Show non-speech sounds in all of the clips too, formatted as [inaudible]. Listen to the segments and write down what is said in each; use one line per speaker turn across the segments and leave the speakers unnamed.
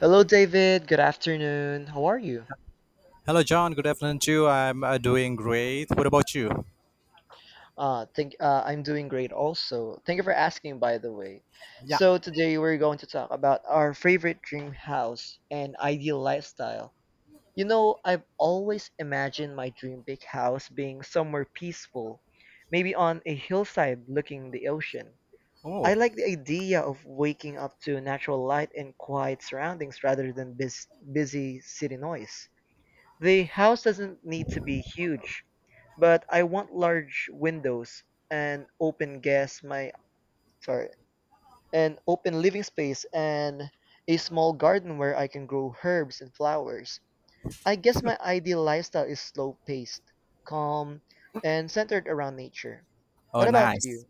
Hello, David. Good afternoon. How are you?
Hello, John. Good afternoon to you. I'm doing great. What about you?
Thank. I'm doing great. Also, thank you for asking. By the way,
Yeah.
so today we're going to talk about our favorite dream house and ideal lifestyle. I've always imagined my dream big house being somewhere peaceful, maybe on a hillside looking the ocean. I
Oh.
like the idea of waking up to natural light and quiet surroundings rather than busy city noise. The house doesn't need to be huge, but I want large windows, and open gas my sorry, an open living space and a small garden where I can grow herbs and flowers. I guess my ideal lifestyle is slow-paced, calm, and centered around nature.
Oh,
What about
nice.
you?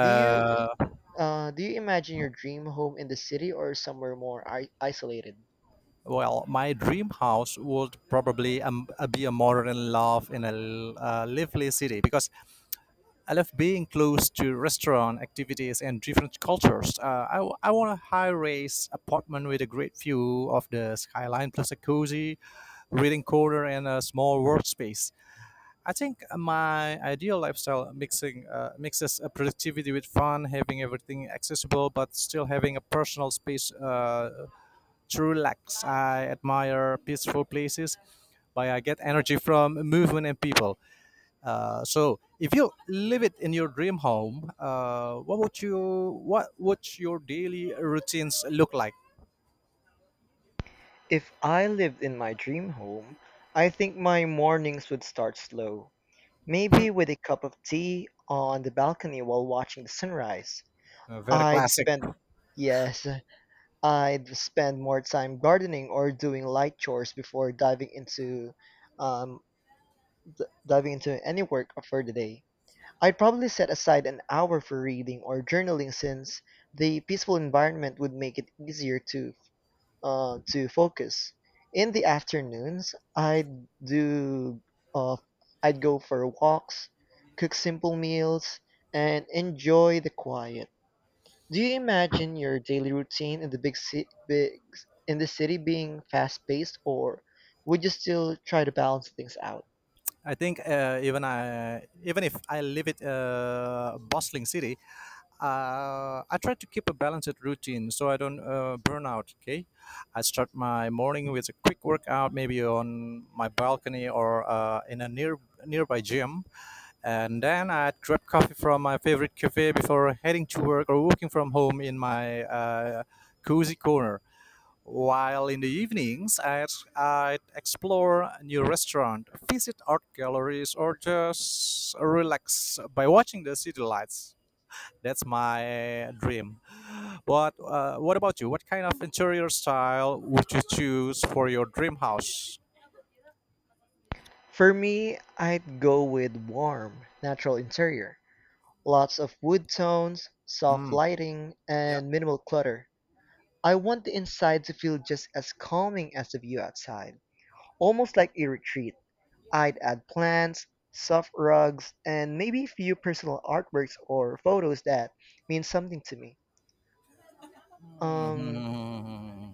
Do you do you imagine your dream home in the city or somewhere more isolated?
well, my dream house would probably be a modern love in a lively city because I love being close to restaurant activities and different cultures. I want a high-rise apartment with a great view of the skyline, plus a cozy reading corner and a small workspace. I think my ideal lifestyle mixing mixes productivity with fun, having everything accessible but still having a personal space to relax. I admire peaceful places where I get energy from movement and people. So, if you live it in your dream home, what would your daily routines look like?
If I lived in my dream home, I think my mornings would start slow, maybe with a cup of tea on the balcony while watching the sunrise.
Very
I'd
classic.
spend, yes, I'd spend more time gardening or doing light chores before um, diving into any work for the day. I'd probably set aside an hour for reading or journaling since the peaceful environment would make it easier to focus. In the afternoons, uh, I'd go for walks, cook simple meals, and enjoy the quiet. Do you imagine your daily routine in the big ci- big in the city being fast-paced, or would you still try to balance things out?
I think even if I live in a bustling city, I try to keep a balanced routine so I don't burn out. Okay, I start my morning with a quick workout, maybe on my balcony or in a near nearby gym, and then I grab coffee from my favorite cafe before heading to work or working from home in my cozy corner. While in the evenings, I'd explore a new restaurant, visit art galleries, or just relax by watching the city lights. That's my dream. What about you? What kind of interior style would you choose for your dream house?
For me, I'd go with warm, natural interior, lots of wood tones, soft
Hmm.
lighting,
Yeah. [laughs]
and minimal clutter. I want the inside to feel just as calming as the view outside, almost like a retreat. I'd add plants, soft rugs, and maybe a few personal artworks or photos that mean something to me. Um,
Hmm.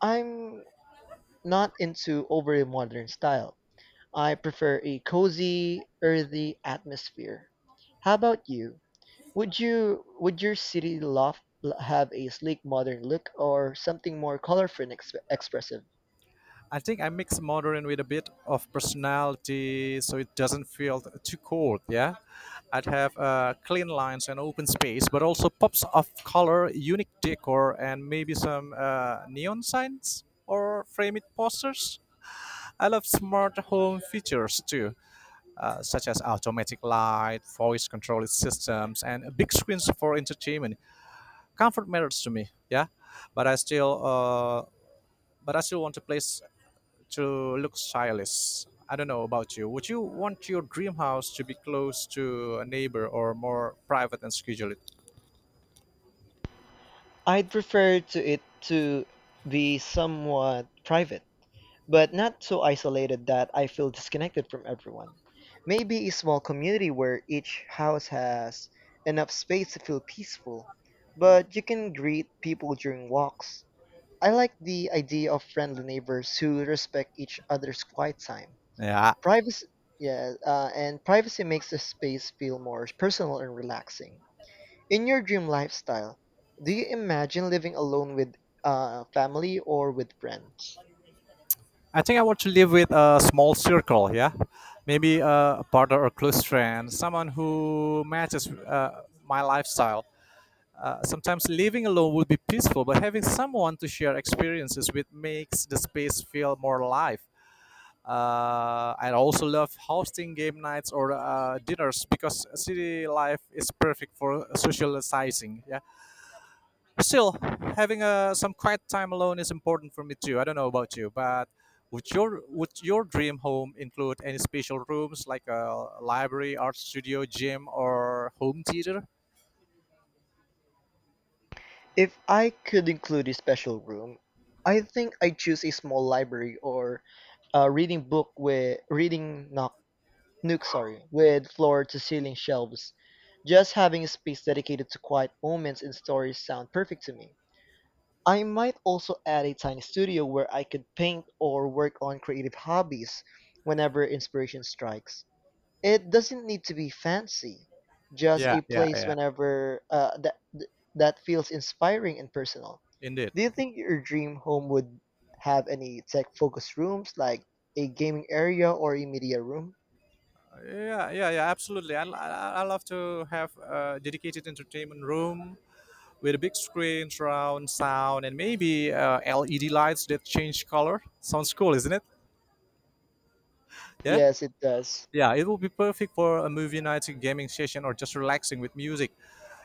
I'm not into overly modern style. I prefer a cozy, earthy atmosphere. How about you? Would your city loft have a sleek modern look or something more colorful and expressive?
I think I mix modern with a bit of personality, so it doesn't feel too cold. Yeah, I'd have clean lines and open space, but also pops of color, unique decor, and maybe some neon signs or framed posters. I love smart home features too, such as automatic light, voice controlled systems, and big screens for entertainment. Comfort matters to me. Yeah, but I still. Uh, but I still want a place to look stylish. I don't know about you. Would you want your dream house to be close to a neighbor or more private and scheduled?
I'd prefer to be somewhat private, but not so isolated that I feel disconnected from everyone. Maybe a small community where each house has enough space to feel peaceful, but you can greet people during walks. I like the idea of friendly neighbors who respect each other's quiet time.
Yeah,
Privacy, yeah, and privacy makes the space feel more personal and relaxing. In your dream lifestyle, do you imagine living alone with family or with friends?
I think I want to live with a small circle. Yeah, maybe a partner or close friend, someone who matches my lifestyle. Sometimes living alone would be peaceful, but having someone to share experiences with makes the space feel more alive. I also love hosting game nights or dinners because city life is perfect for socializing. Yeah. Still, having some quiet time alone is important for me too. I don't know about you, but would your dream home include any special rooms like a library, art studio, gym, or home theater?
If I could include a special room, I think I'd choose a small library or a reading nook, with floor to ceiling shelves. Just having a space dedicated to quiet moments and stories sound perfect to me. I might also add a tiny studio where I could paint or work on creative hobbies whenever inspiration strikes. It doesn't need to be fancy, just
Yeah,
a
yeah,
place
yeah.
whenever that that feels inspiring and personal.
Indeed.
Do you think your dream home would have any tech-focused rooms like a gaming area or a media room?
Yeah, yeah, yeah. Absolutely. I love to have a dedicated entertainment room with a big screen, surround sound, and maybe LED lights that change color. Sounds cool, isn't it? Yeah.
Yes, it does.
Yeah, it will be perfect for a movie night, a gaming session, or just relaxing with music.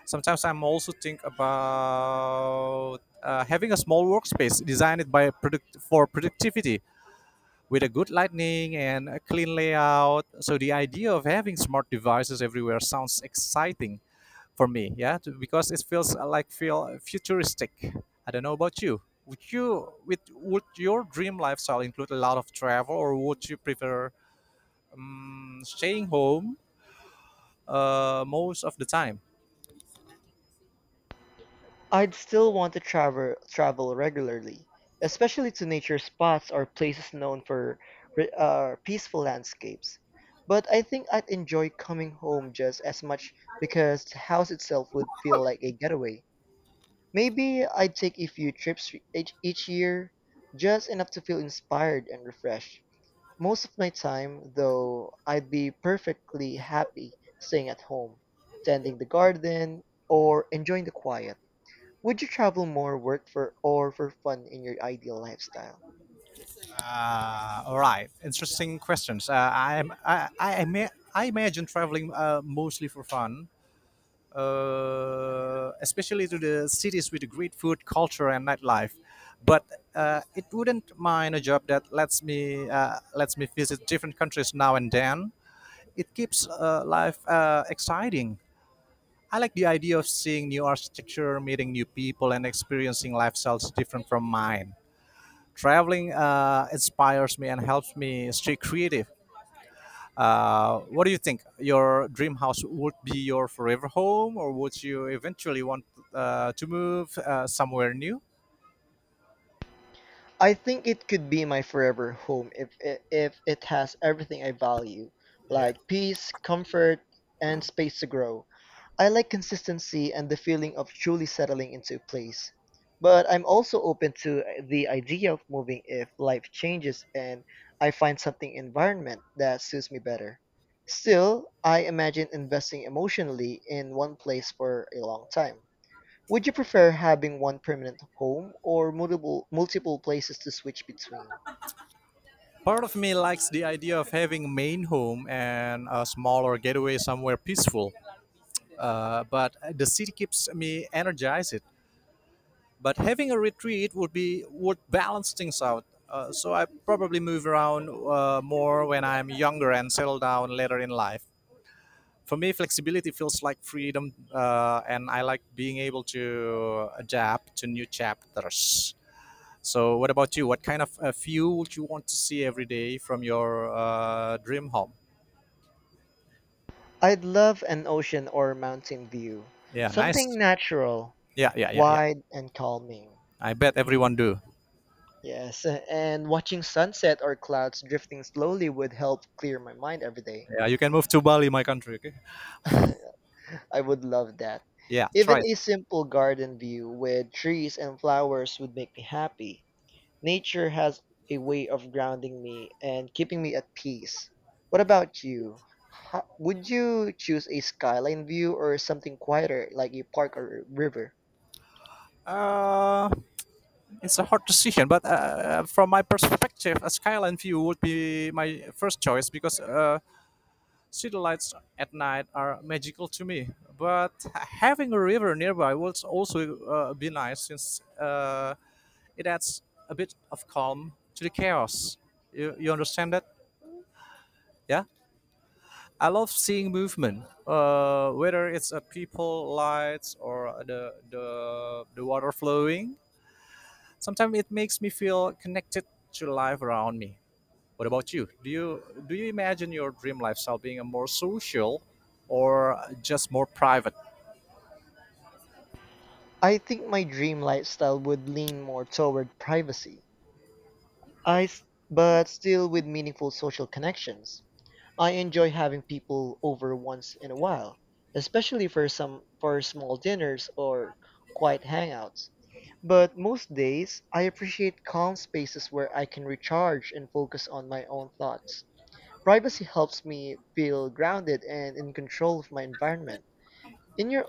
Sometimes I'm also think about having a small workspace designed for productivity with a good lighting and a clean layout. So the idea of having smart devices everywhere sounds exciting for me. Because it feels feel futuristic. I don't know about you. Would your dream lifestyle include a lot of travel, or would you prefer staying home most of the time?
I'd still want to travel regularly, especially to nature spots or places known for peaceful landscapes. But I think I'd enjoy coming home just as much because the house itself would feel like a getaway. Maybe I'd take a few trips each year, just enough to feel inspired and refreshed. Most of my time, though, I'd be perfectly happy staying at home, tending the garden, or enjoying the quiet. Would you travel more work for or for fun in your ideal lifestyle?
All right, interesting questions. I imagine traveling mostly for fun, especially to the cities with great food, culture, and nightlife. But it wouldn't mind a job that lets me visit different countries now and then. It keeps life exciting. I like the idea of seeing new architecture, meeting new people, and experiencing lifestyles different from mine. Traveling inspires me and helps me stay creative. What do you think? Your dream house would be your forever home, or would you eventually want to move somewhere new?
I think it could be my forever home if it has everything I value, like peace, comfort, and space to grow. I like consistency and the feeling of truly settling into a place, but I'm also open to the idea of moving if life changes and I find something environment that suits me better. Still, I imagine investing emotionally in one place for a long time. Would you prefer having one permanent home or multiple places to switch between?
Part of me likes the idea of having a main home and a smaller getaway somewhere peaceful, but the city keeps me energized. But having a retreat would balance things out. So, I probably move around more when I'm younger and settle down later in life. For me, flexibility feels like freedom, and I like being able to adapt to new chapters. So what about you? What kind of view would you want to see every day from your dream home?
I'd love an ocean or mountain view,
Yeah,
something
nice.
natural,
Yeah, yeah, yeah, yeah.
wide and calming.
I bet everyone do.
Yes, and watching sunset or clouds drifting slowly would help clear my mind every day.
Yeah, you can move to Bali, my country. Okay.
[laughs] I would love that.
Yeah, try
Even
it.
a simple garden view with trees and flowers would make me happy. Nature has a way of grounding me and keeping me at peace. What about you? Would you choose a skyline view or something quieter like a park or a river?
Uh, it's a hard decision, but from my perspective a skyline view would be my first choice because city lights at night are magical to me, but having a river nearby would also be nice since it adds a bit of calm to the chaos. You understand that? Yeah? I love seeing movement, whether it's a people lights or the water flowing. Sometimes it makes me feel connected to life around me. What about you? Do you imagine your dream lifestyle being a more social or just more private?
I think my dream lifestyle would lean more toward privacy I, s- but still with meaningful social connections. I enjoy having people over once in a while, especially for small dinners or quiet hangouts. But most days, I appreciate calm spaces where I can recharge and focus on my own thoughts. Privacy helps me feel grounded and in control of my environment. In your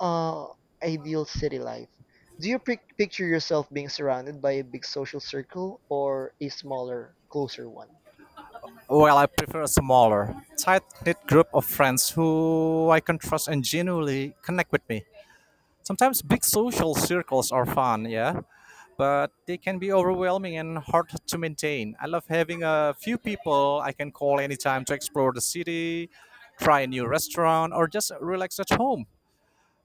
uh, ideal city life, do you picture yourself being surrounded by a big social circle or a smaller, closer one?
Well, I prefer a smaller, tight knit group of friends who I can trust and genuinely connect with me. Sometimes big social circles are fun, yeah, but they can be overwhelming and hard to maintain. I love having a few people I can call anytime to explore the city, try a new restaurant, or just relax at home.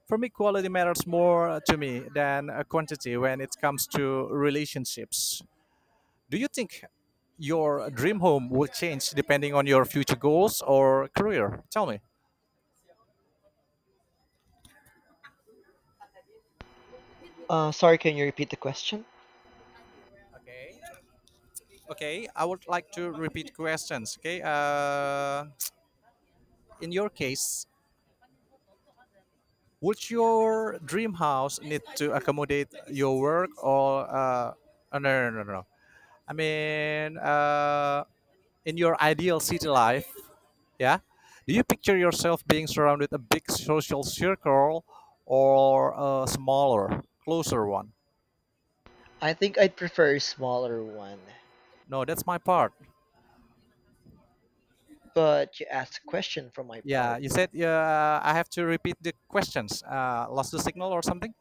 For me, quality matters more to me than quantity when it comes to relationships. Do you think your dream home will change depending on your future goals or career? Tell me.
Sorry, can you repeat the question?
Okay. Okay, I would like to repeat questions. Okay, in your case, would your dream house need to accommodate your work or oh, no, no, no, no? No. I mean, in your ideal city life, yeah, do you picture yourself being surrounded a big social circle or a smaller, closer one?
I think I'd prefer a smaller one,
No, that's my part.
but you asked a question from my
Yeah,
part.
you said I have to repeat the questions. Lost the signal or something?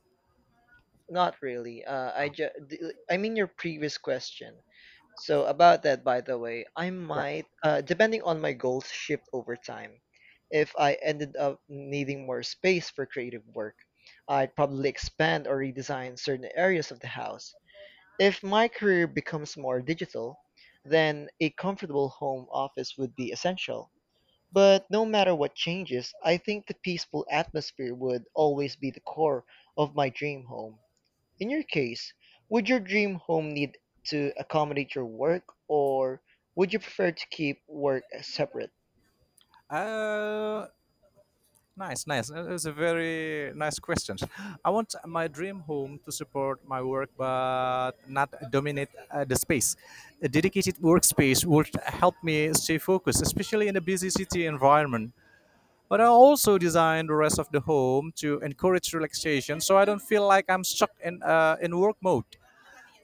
Not really. I mean your previous question. So about that, by the way, I
Yeah.
might, depending on my goals, shift over time. If I ended up needing more space for creative work, I'd probably expand or redesign certain areas of the house. If my career becomes more digital, then a comfortable home office would be essential. But no matter what changes, I think the peaceful atmosphere would always be the core of my dream home. In your case, would your dream home need to accommodate your work, or would you prefer to keep work separate?
Uh, nice, nice. It was a very nice question. I want my dream home to support my work, but not dominate the space. A dedicated workspace would help me stay focused, especially in a busy city environment. But I also design the rest of the home to encourage relaxation, so I don't feel like I'm stuck in work mode.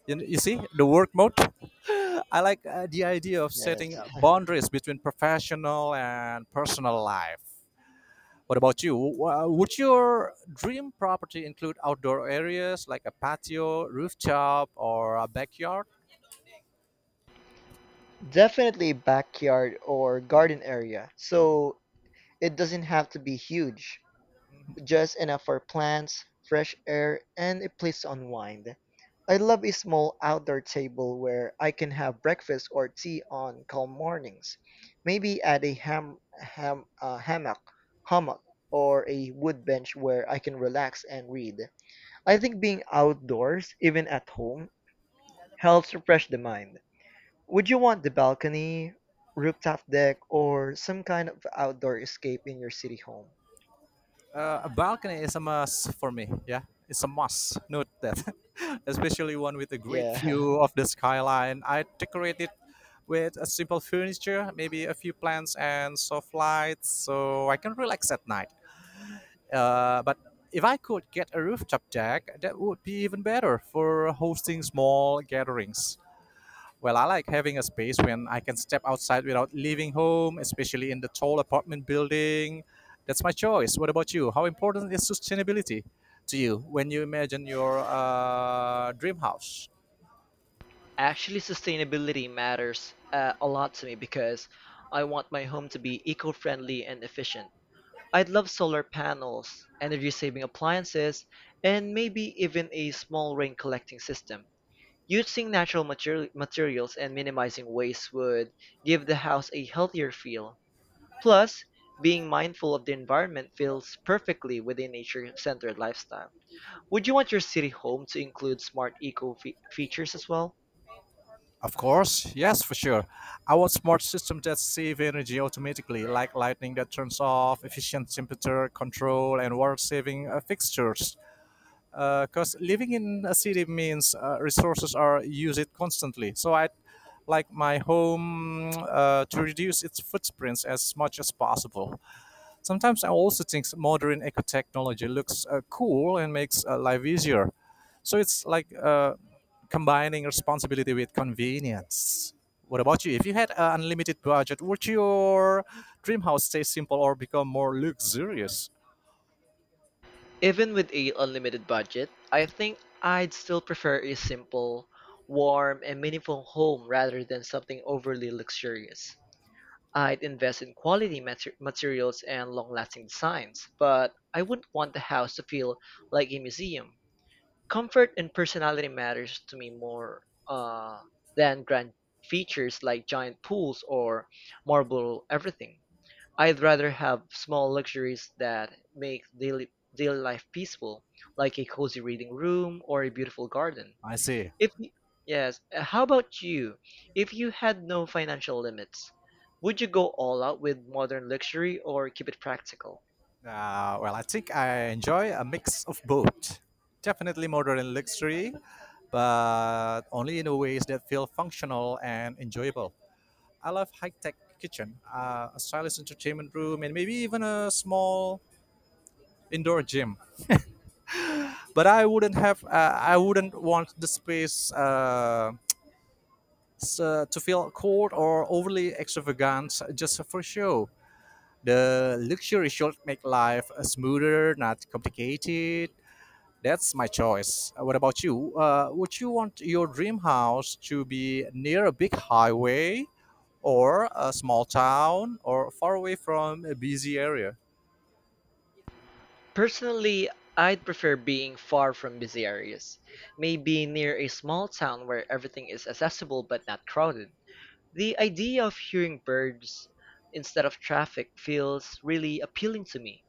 You see the work mode. I like the idea of setting
Yes. [laughs]
boundaries between professional and personal life. What about you? Would your dream property include outdoor areas like a patio, rooftop, or a backyard?
Definitely backyard or garden area, so it doesn't have to be huge. Just enough for plants, fresh air, and a place to unwind. I love a small outdoor table where I can have breakfast or tea on calm mornings, maybe at a hammock or a wood bench where I can relax and read. I think being outdoors, even at home, helps refresh the mind. Would you want the balcony, rooftop deck, or some kind of outdoor escape in your city home?
A balcony is a must for me. Yeah, it's a must. Note that, [laughs] especially one with a great
Yeah.
view
[laughs]
of the skyline. I decorate it with a simple furniture, maybe a few plants and soft lights, so I can relax at night. But if I could get a rooftop deck, that would be even better for hosting small gatherings. Well, I like having a space when I can step outside without leaving home, especially in the tall apartment building. That's my choice. What about you? How important is sustainability to you when you imagine your dream house?
Actually, sustainability matters a lot to me because I want my home to be eco-friendly and efficient. I'd love solar panels, energy-saving appliances, and maybe even a small rain collecting system. Using natural materials and minimizing waste would give the house a healthier feel. Plus, being mindful of the environment feels perfectly with a nature-centered lifestyle. Would you want your city home to include smart eco features as well?
Of course, yes, for sure. I want smart systems that save energy automatically, like lighting that turns off, efficient temperature control, and water saving fixtures, because living in a city means resources are used constantly. So I like my home to reduce its footprints as much as possible. Sometimes I also think modern eco technology looks cool and makes life easier. So it's like combining responsibility with convenience. What about you? If you had an unlimited budget, would your dream house stay simple or become more luxurious?
Even with a unlimited budget, I think I'd still prefer a simple, warm, and meaningful home rather than something overly luxurious. I'd invest in quality materials and long-lasting designs, but I wouldn't want the house to feel like a museum. Comfort and personality matters to me more uh, than grand features like giant pools or marble everything. I'd rather have small luxuries that make daily life peaceful, like a cozy reading room or a beautiful garden.
I see.
If y- yes, how about you? If you had no financial limits, would you go all out with modern luxury or keep it practical?
Well, I think I enjoy a mix of both. Definitely modern luxury, but only in ways that feel functional and enjoyable. I love high-tech kitchen, a stylish entertainment room, and maybe even a small indoor gym. But I wouldn't have, I wouldn't want the space to feel cold or overly extravagant just for show. The luxury should make life smoother, not complicated. That's my choice. What about you? Would you want your dream house to be near a big highway or a small town or far away from a busy area?
Personally, I'd prefer being far from busy areas, maybe near a small town where everything is accessible but not crowded. The idea of hearing birds instead of traffic feels really appealing to me.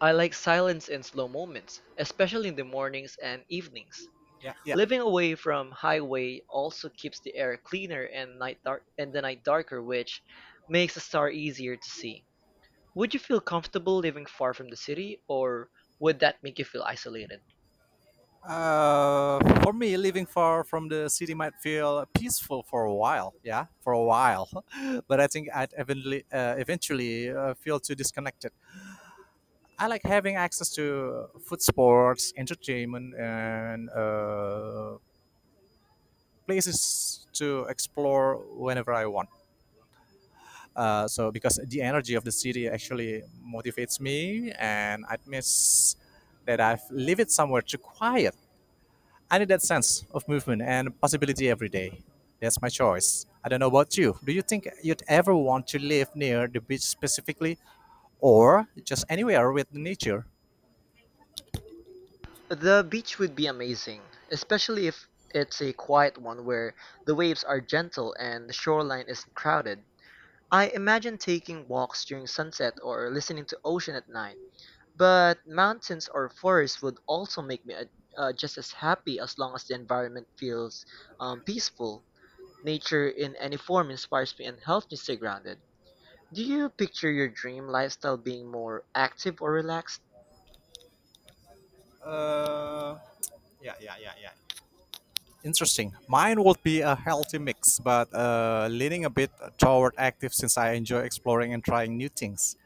I like silence and slow moments, especially in the mornings and evenings.
Yeah, yeah.
Living away from highway also keeps the air cleaner and the night darker, which makes a star easier to see. Would you feel comfortable living far from the city, or would that make you feel isolated?
For me, living far from the city might feel peaceful for a while. Yeah, for a while. [laughs] But I think eventually feel too disconnected. I like having access to food, sports, entertainment, and places to explore whenever I want. So because the energy of the city actually motivates me, and I miss that I've lived it somewhere too quiet. I need that sense of movement and possibility every day. That's my choice. I don't know about you. Do you think you'd ever want to live near the beach specifically, or just anywhere with nature?
The beach would be amazing, especially if it's a quiet one where the waves are gentle and the shoreline isn't crowded. I imagine taking walks during sunset or listening to ocean at night. But mountains or forests would also make me just as happy as long as the environment feels peaceful. Nature in any form inspires me and helps me stay grounded. Do you picture your dream lifestyle being more active or relaxed?
Uh, yeah, yeah, yeah, yeah. Interesting. Mine would be a healthy mix, but leaning a bit toward active since I enjoy exploring and trying new things.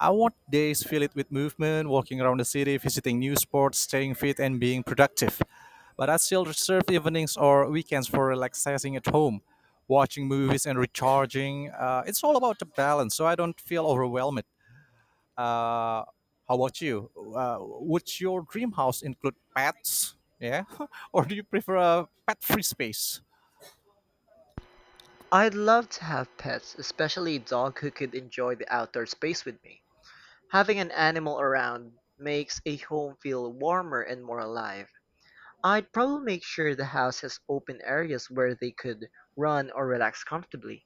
I want days filled with movement, walking around the city, visiting new sports, staying fit, and being productive. But I still reserve evenings or weekends for relaxing at home, watching movies, and recharging. It's all about the balance, so I don't feel overwhelmed. Uh, how about you? Uh, would your dream house include pets? Yeah, [laughs] or do you prefer a pet-free space?
I'd love to have pets, especially a dog who could enjoy the outdoor space with me. Having an animal around makes a home feel warmer and more alive. I'd probably make sure the house has open areas where they could run or relax comfortably.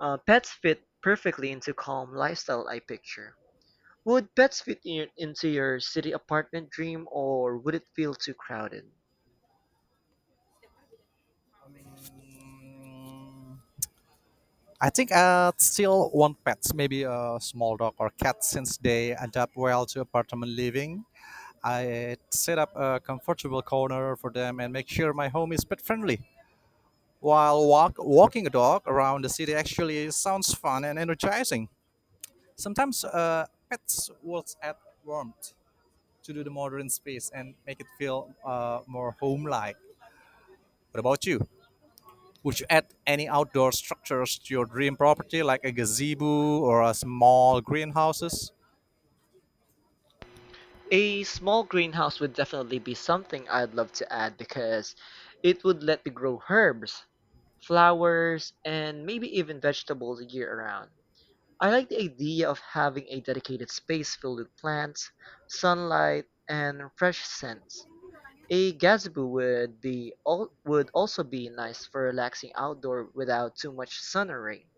Pets fit perfectly into calm lifestyle I picture. Would pets fit into your city apartment dream or would it feel too crowded?
Mm, I think I still want pets, maybe a small dog or cat, since they adapt well to apartment living. I set up a comfortable corner for them and make sure my home is pet friendly. Walking a dog around the city actually sounds fun and energizing. Sometimes pets will add warmth to do the modern space and make it feel more home-like. What about you? Would you add any outdoor structures to your dream property, like a gazebo or a small greenhouses?
A small greenhouse would definitely be something I'd love to add because it would let me grow herbs, flowers, and maybe even vegetables year round. I like the idea of having a dedicated space filled with plants, sunlight, and fresh scents. A gazebo would be would also be nice for relaxing outdoor without too much sun or rain.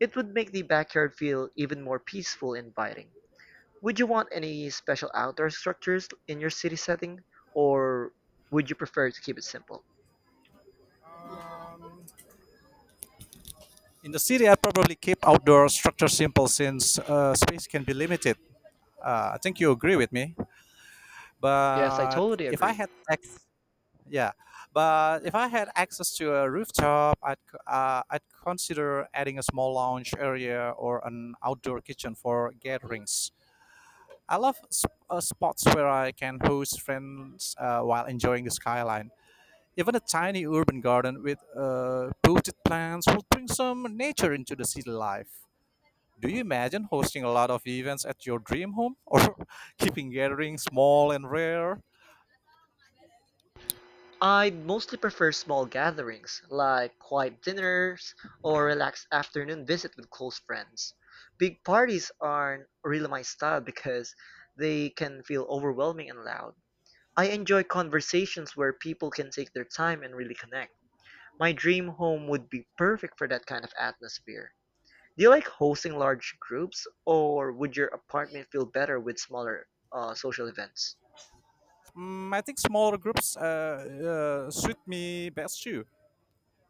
It would make the backyard feel even more peaceful and inviting. Would you want any special outdoor structures in your city setting, or would you prefer to keep it simple?
In the city, I probably keep outdoor structure simple since space can be limited. I think you agree with me.
Yes, I
But
totally
if I
agree.
had access, yeah, but if I had access to a rooftop, I'd consider adding a small lounge area or an outdoor kitchen for gatherings. I love spots where I can host friends while enjoying the skyline. Even a tiny urban garden with potted plants will bring some nature into the city life. Do you imagine hosting a lot of events at your dream home [laughs] or keeping gatherings small and rare?
I'd mostly prefer small gatherings, like quiet dinners or relaxed afternoon visit with close friends. Big parties aren't really my style because they can feel overwhelming and loud. I enjoy conversations where people can take their time and really connect. My dream home would be perfect for that kind of atmosphere. Do you like hosting large groups, or would your apartment feel better with smaller social events?
I think smaller groups suit me best too.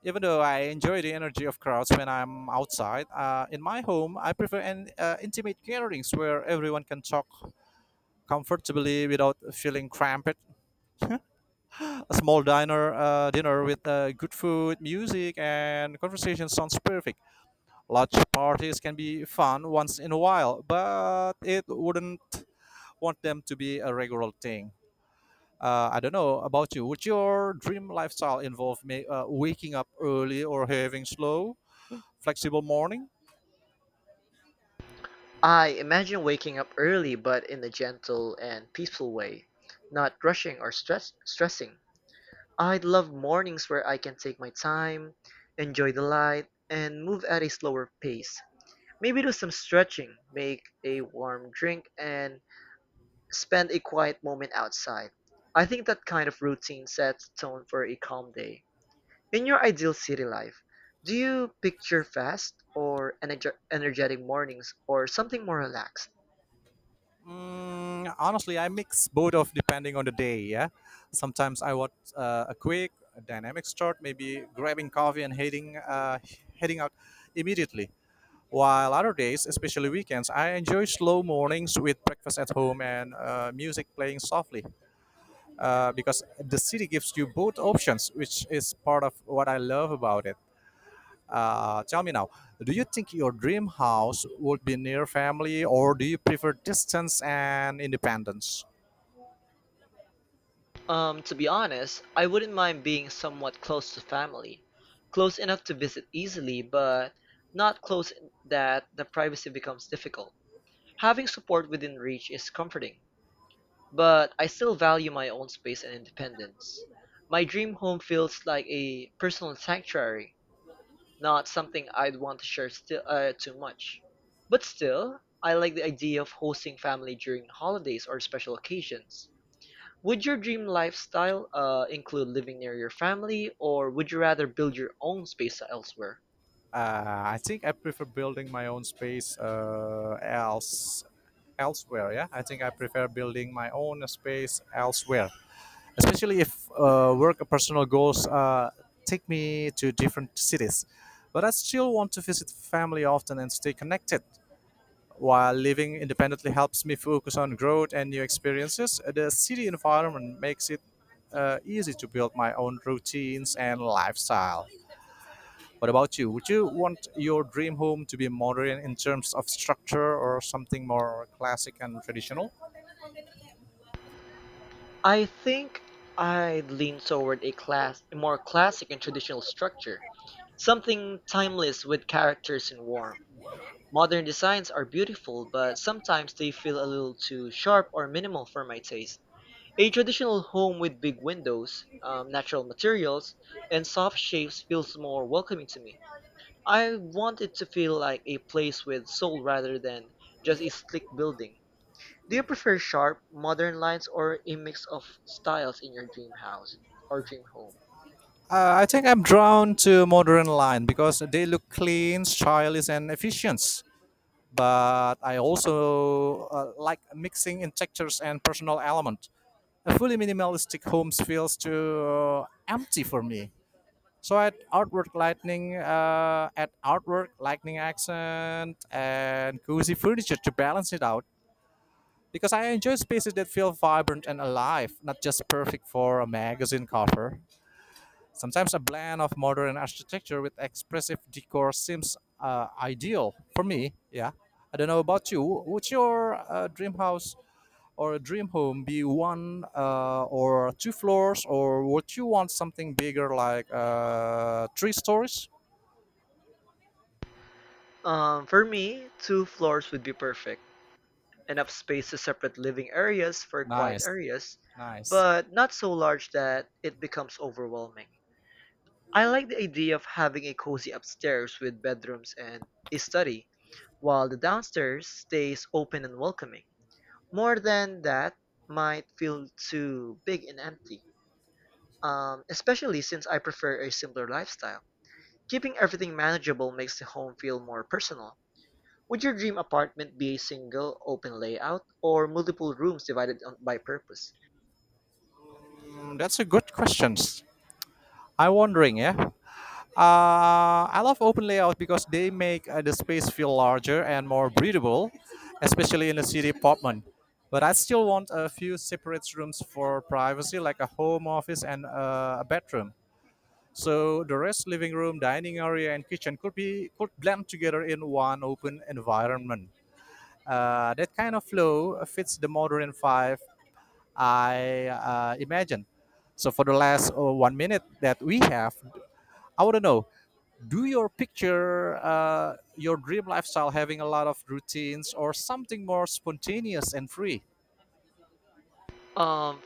Even though I enjoy the energy of crowds when I'm outside, in my home I prefer an intimate gatherings where everyone can talk comfortably without feeling cramped. A small diner dinner with good food, music, and conversation sounds perfect. Large parties can be fun once in a while, but it wouldn't want them to be a regular thing. I don't know about you. Would your dream lifestyle involve waking up early or having slow, flexible morning?
I imagine waking up early, but in a gentle and peaceful way, not rushing or stressing. I'd love mornings where I can take my time, enjoy the light, and move at a slower pace. Maybe do some stretching, make a warm drink, and spend a quiet moment outside. I think that kind of routine sets the tone for a calm day. In your ideal city life, do you picture fast or energetic mornings or something more relaxed?
Honestly, I mix both of depending on the day. Yeah, sometimes I want a quick a dynamic start, maybe grabbing coffee and heading out immediately. While other days, especially weekends, I enjoy slow mornings with breakfast at home and music playing softly. Because the city gives you both options, which is part of what I love about it. Tell me now, do you think your dream house would be near family, or do you prefer distance and independence?
To be honest, I wouldn't mind being somewhat close to family. Close enough to visit easily, but not close that the privacy becomes difficult. Having support within reach is comforting, but I still value my own space and independence. My dream home feels like a personal sanctuary, not something I'd want to share still too much. But still, I like the idea of hosting family during holidays or special occasions. Would your dream lifestyle include living near your family, or would you rather build your own space elsewhere?
I think I prefer building my own space elsewhere. Yeah, I think I prefer building my own space elsewhere, especially if work or personal goals take me to different cities. But I still want to visit family often and stay connected. While living independently helps me focus on growth and new experiences, the city environment makes it easy to build my own routines and lifestyle. What about you? Would you want your dream home to be modern in terms of structure or something more classic and traditional?
I think I'd lean toward a more classic and traditional structure, something timeless with characters and warmth. Modern designs are beautiful but sometimes they feel a little too sharp or minimal for my taste. A traditional home with big windows, natural materials, and soft shapes feels more welcoming to me. I want it to feel like a place with soul rather than just a slick building. Do you prefer sharp, modern lines or a mix of styles in your dream house or dream home?
I think I'm drawn to modern line because they look clean, stylish, and efficient. But I also like mixing in textures and personal element. A fully minimalistic home feels too empty for me. So at outward lightning accent and cozy furniture to balance it out, because I enjoy spaces that feel vibrant and alive, not just perfect for a magazine cover. Sometimes a blend of modern architecture with expressive decor seems ideal for me. Yeah, I don't know about you. Would your dream house or dream home be one or two floors, or would you want something bigger, like three stories?
For me, two floors would be perfect enough space to separate living areas for quiet
Nice,
areas,
nice.
but not so large that it becomes overwhelming. I like the idea of having a cozy upstairs with bedrooms and a study, while the downstairs stays open and welcoming. More than that might feel too big and empty, especially since I prefer a simpler lifestyle. Keeping everything manageable makes the home feel more personal. Would your dream apartment be a single, open layout or multiple rooms divided by purpose?
That's a good question. I'm wondering, yeah. I love open layout because they make the space feel larger and more breathable, especially in a city apartment. But I still want a few separate rooms for privacy, like a home office and a bedroom. So the rest, living room, dining area, and kitchen could blend together in one open environment. That kind of flow fits the modern five I imagine. So for the last 1 minute that we have, I want to know, do your picture your dream lifestyle having a lot of routines or something more spontaneous and free?
Um,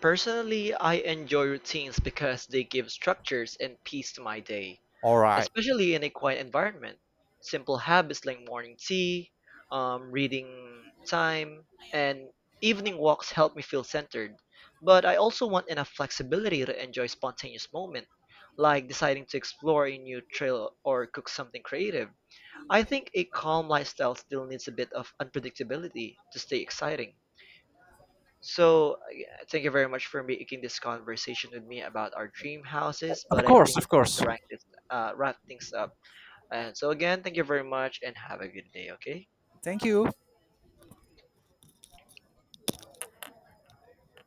Personally, I enjoy routines because they give structures and peace to my day,
All right.
especially in a quiet environment. Simple habits like morning tea, reading time, and evening walks help me feel centered. But I also want enough flexibility to enjoy spontaneous moments, like deciding to explore a new trail or cook something creative. I think a calm lifestyle still needs a bit of unpredictability to stay exciting. So, yeah, thank you very much for making this conversation with me about our dream houses.
Of
But I think
course, of
it's time
course.
to wrap things up. And so, again, thank you very much and have a good day, okay?
Thank you.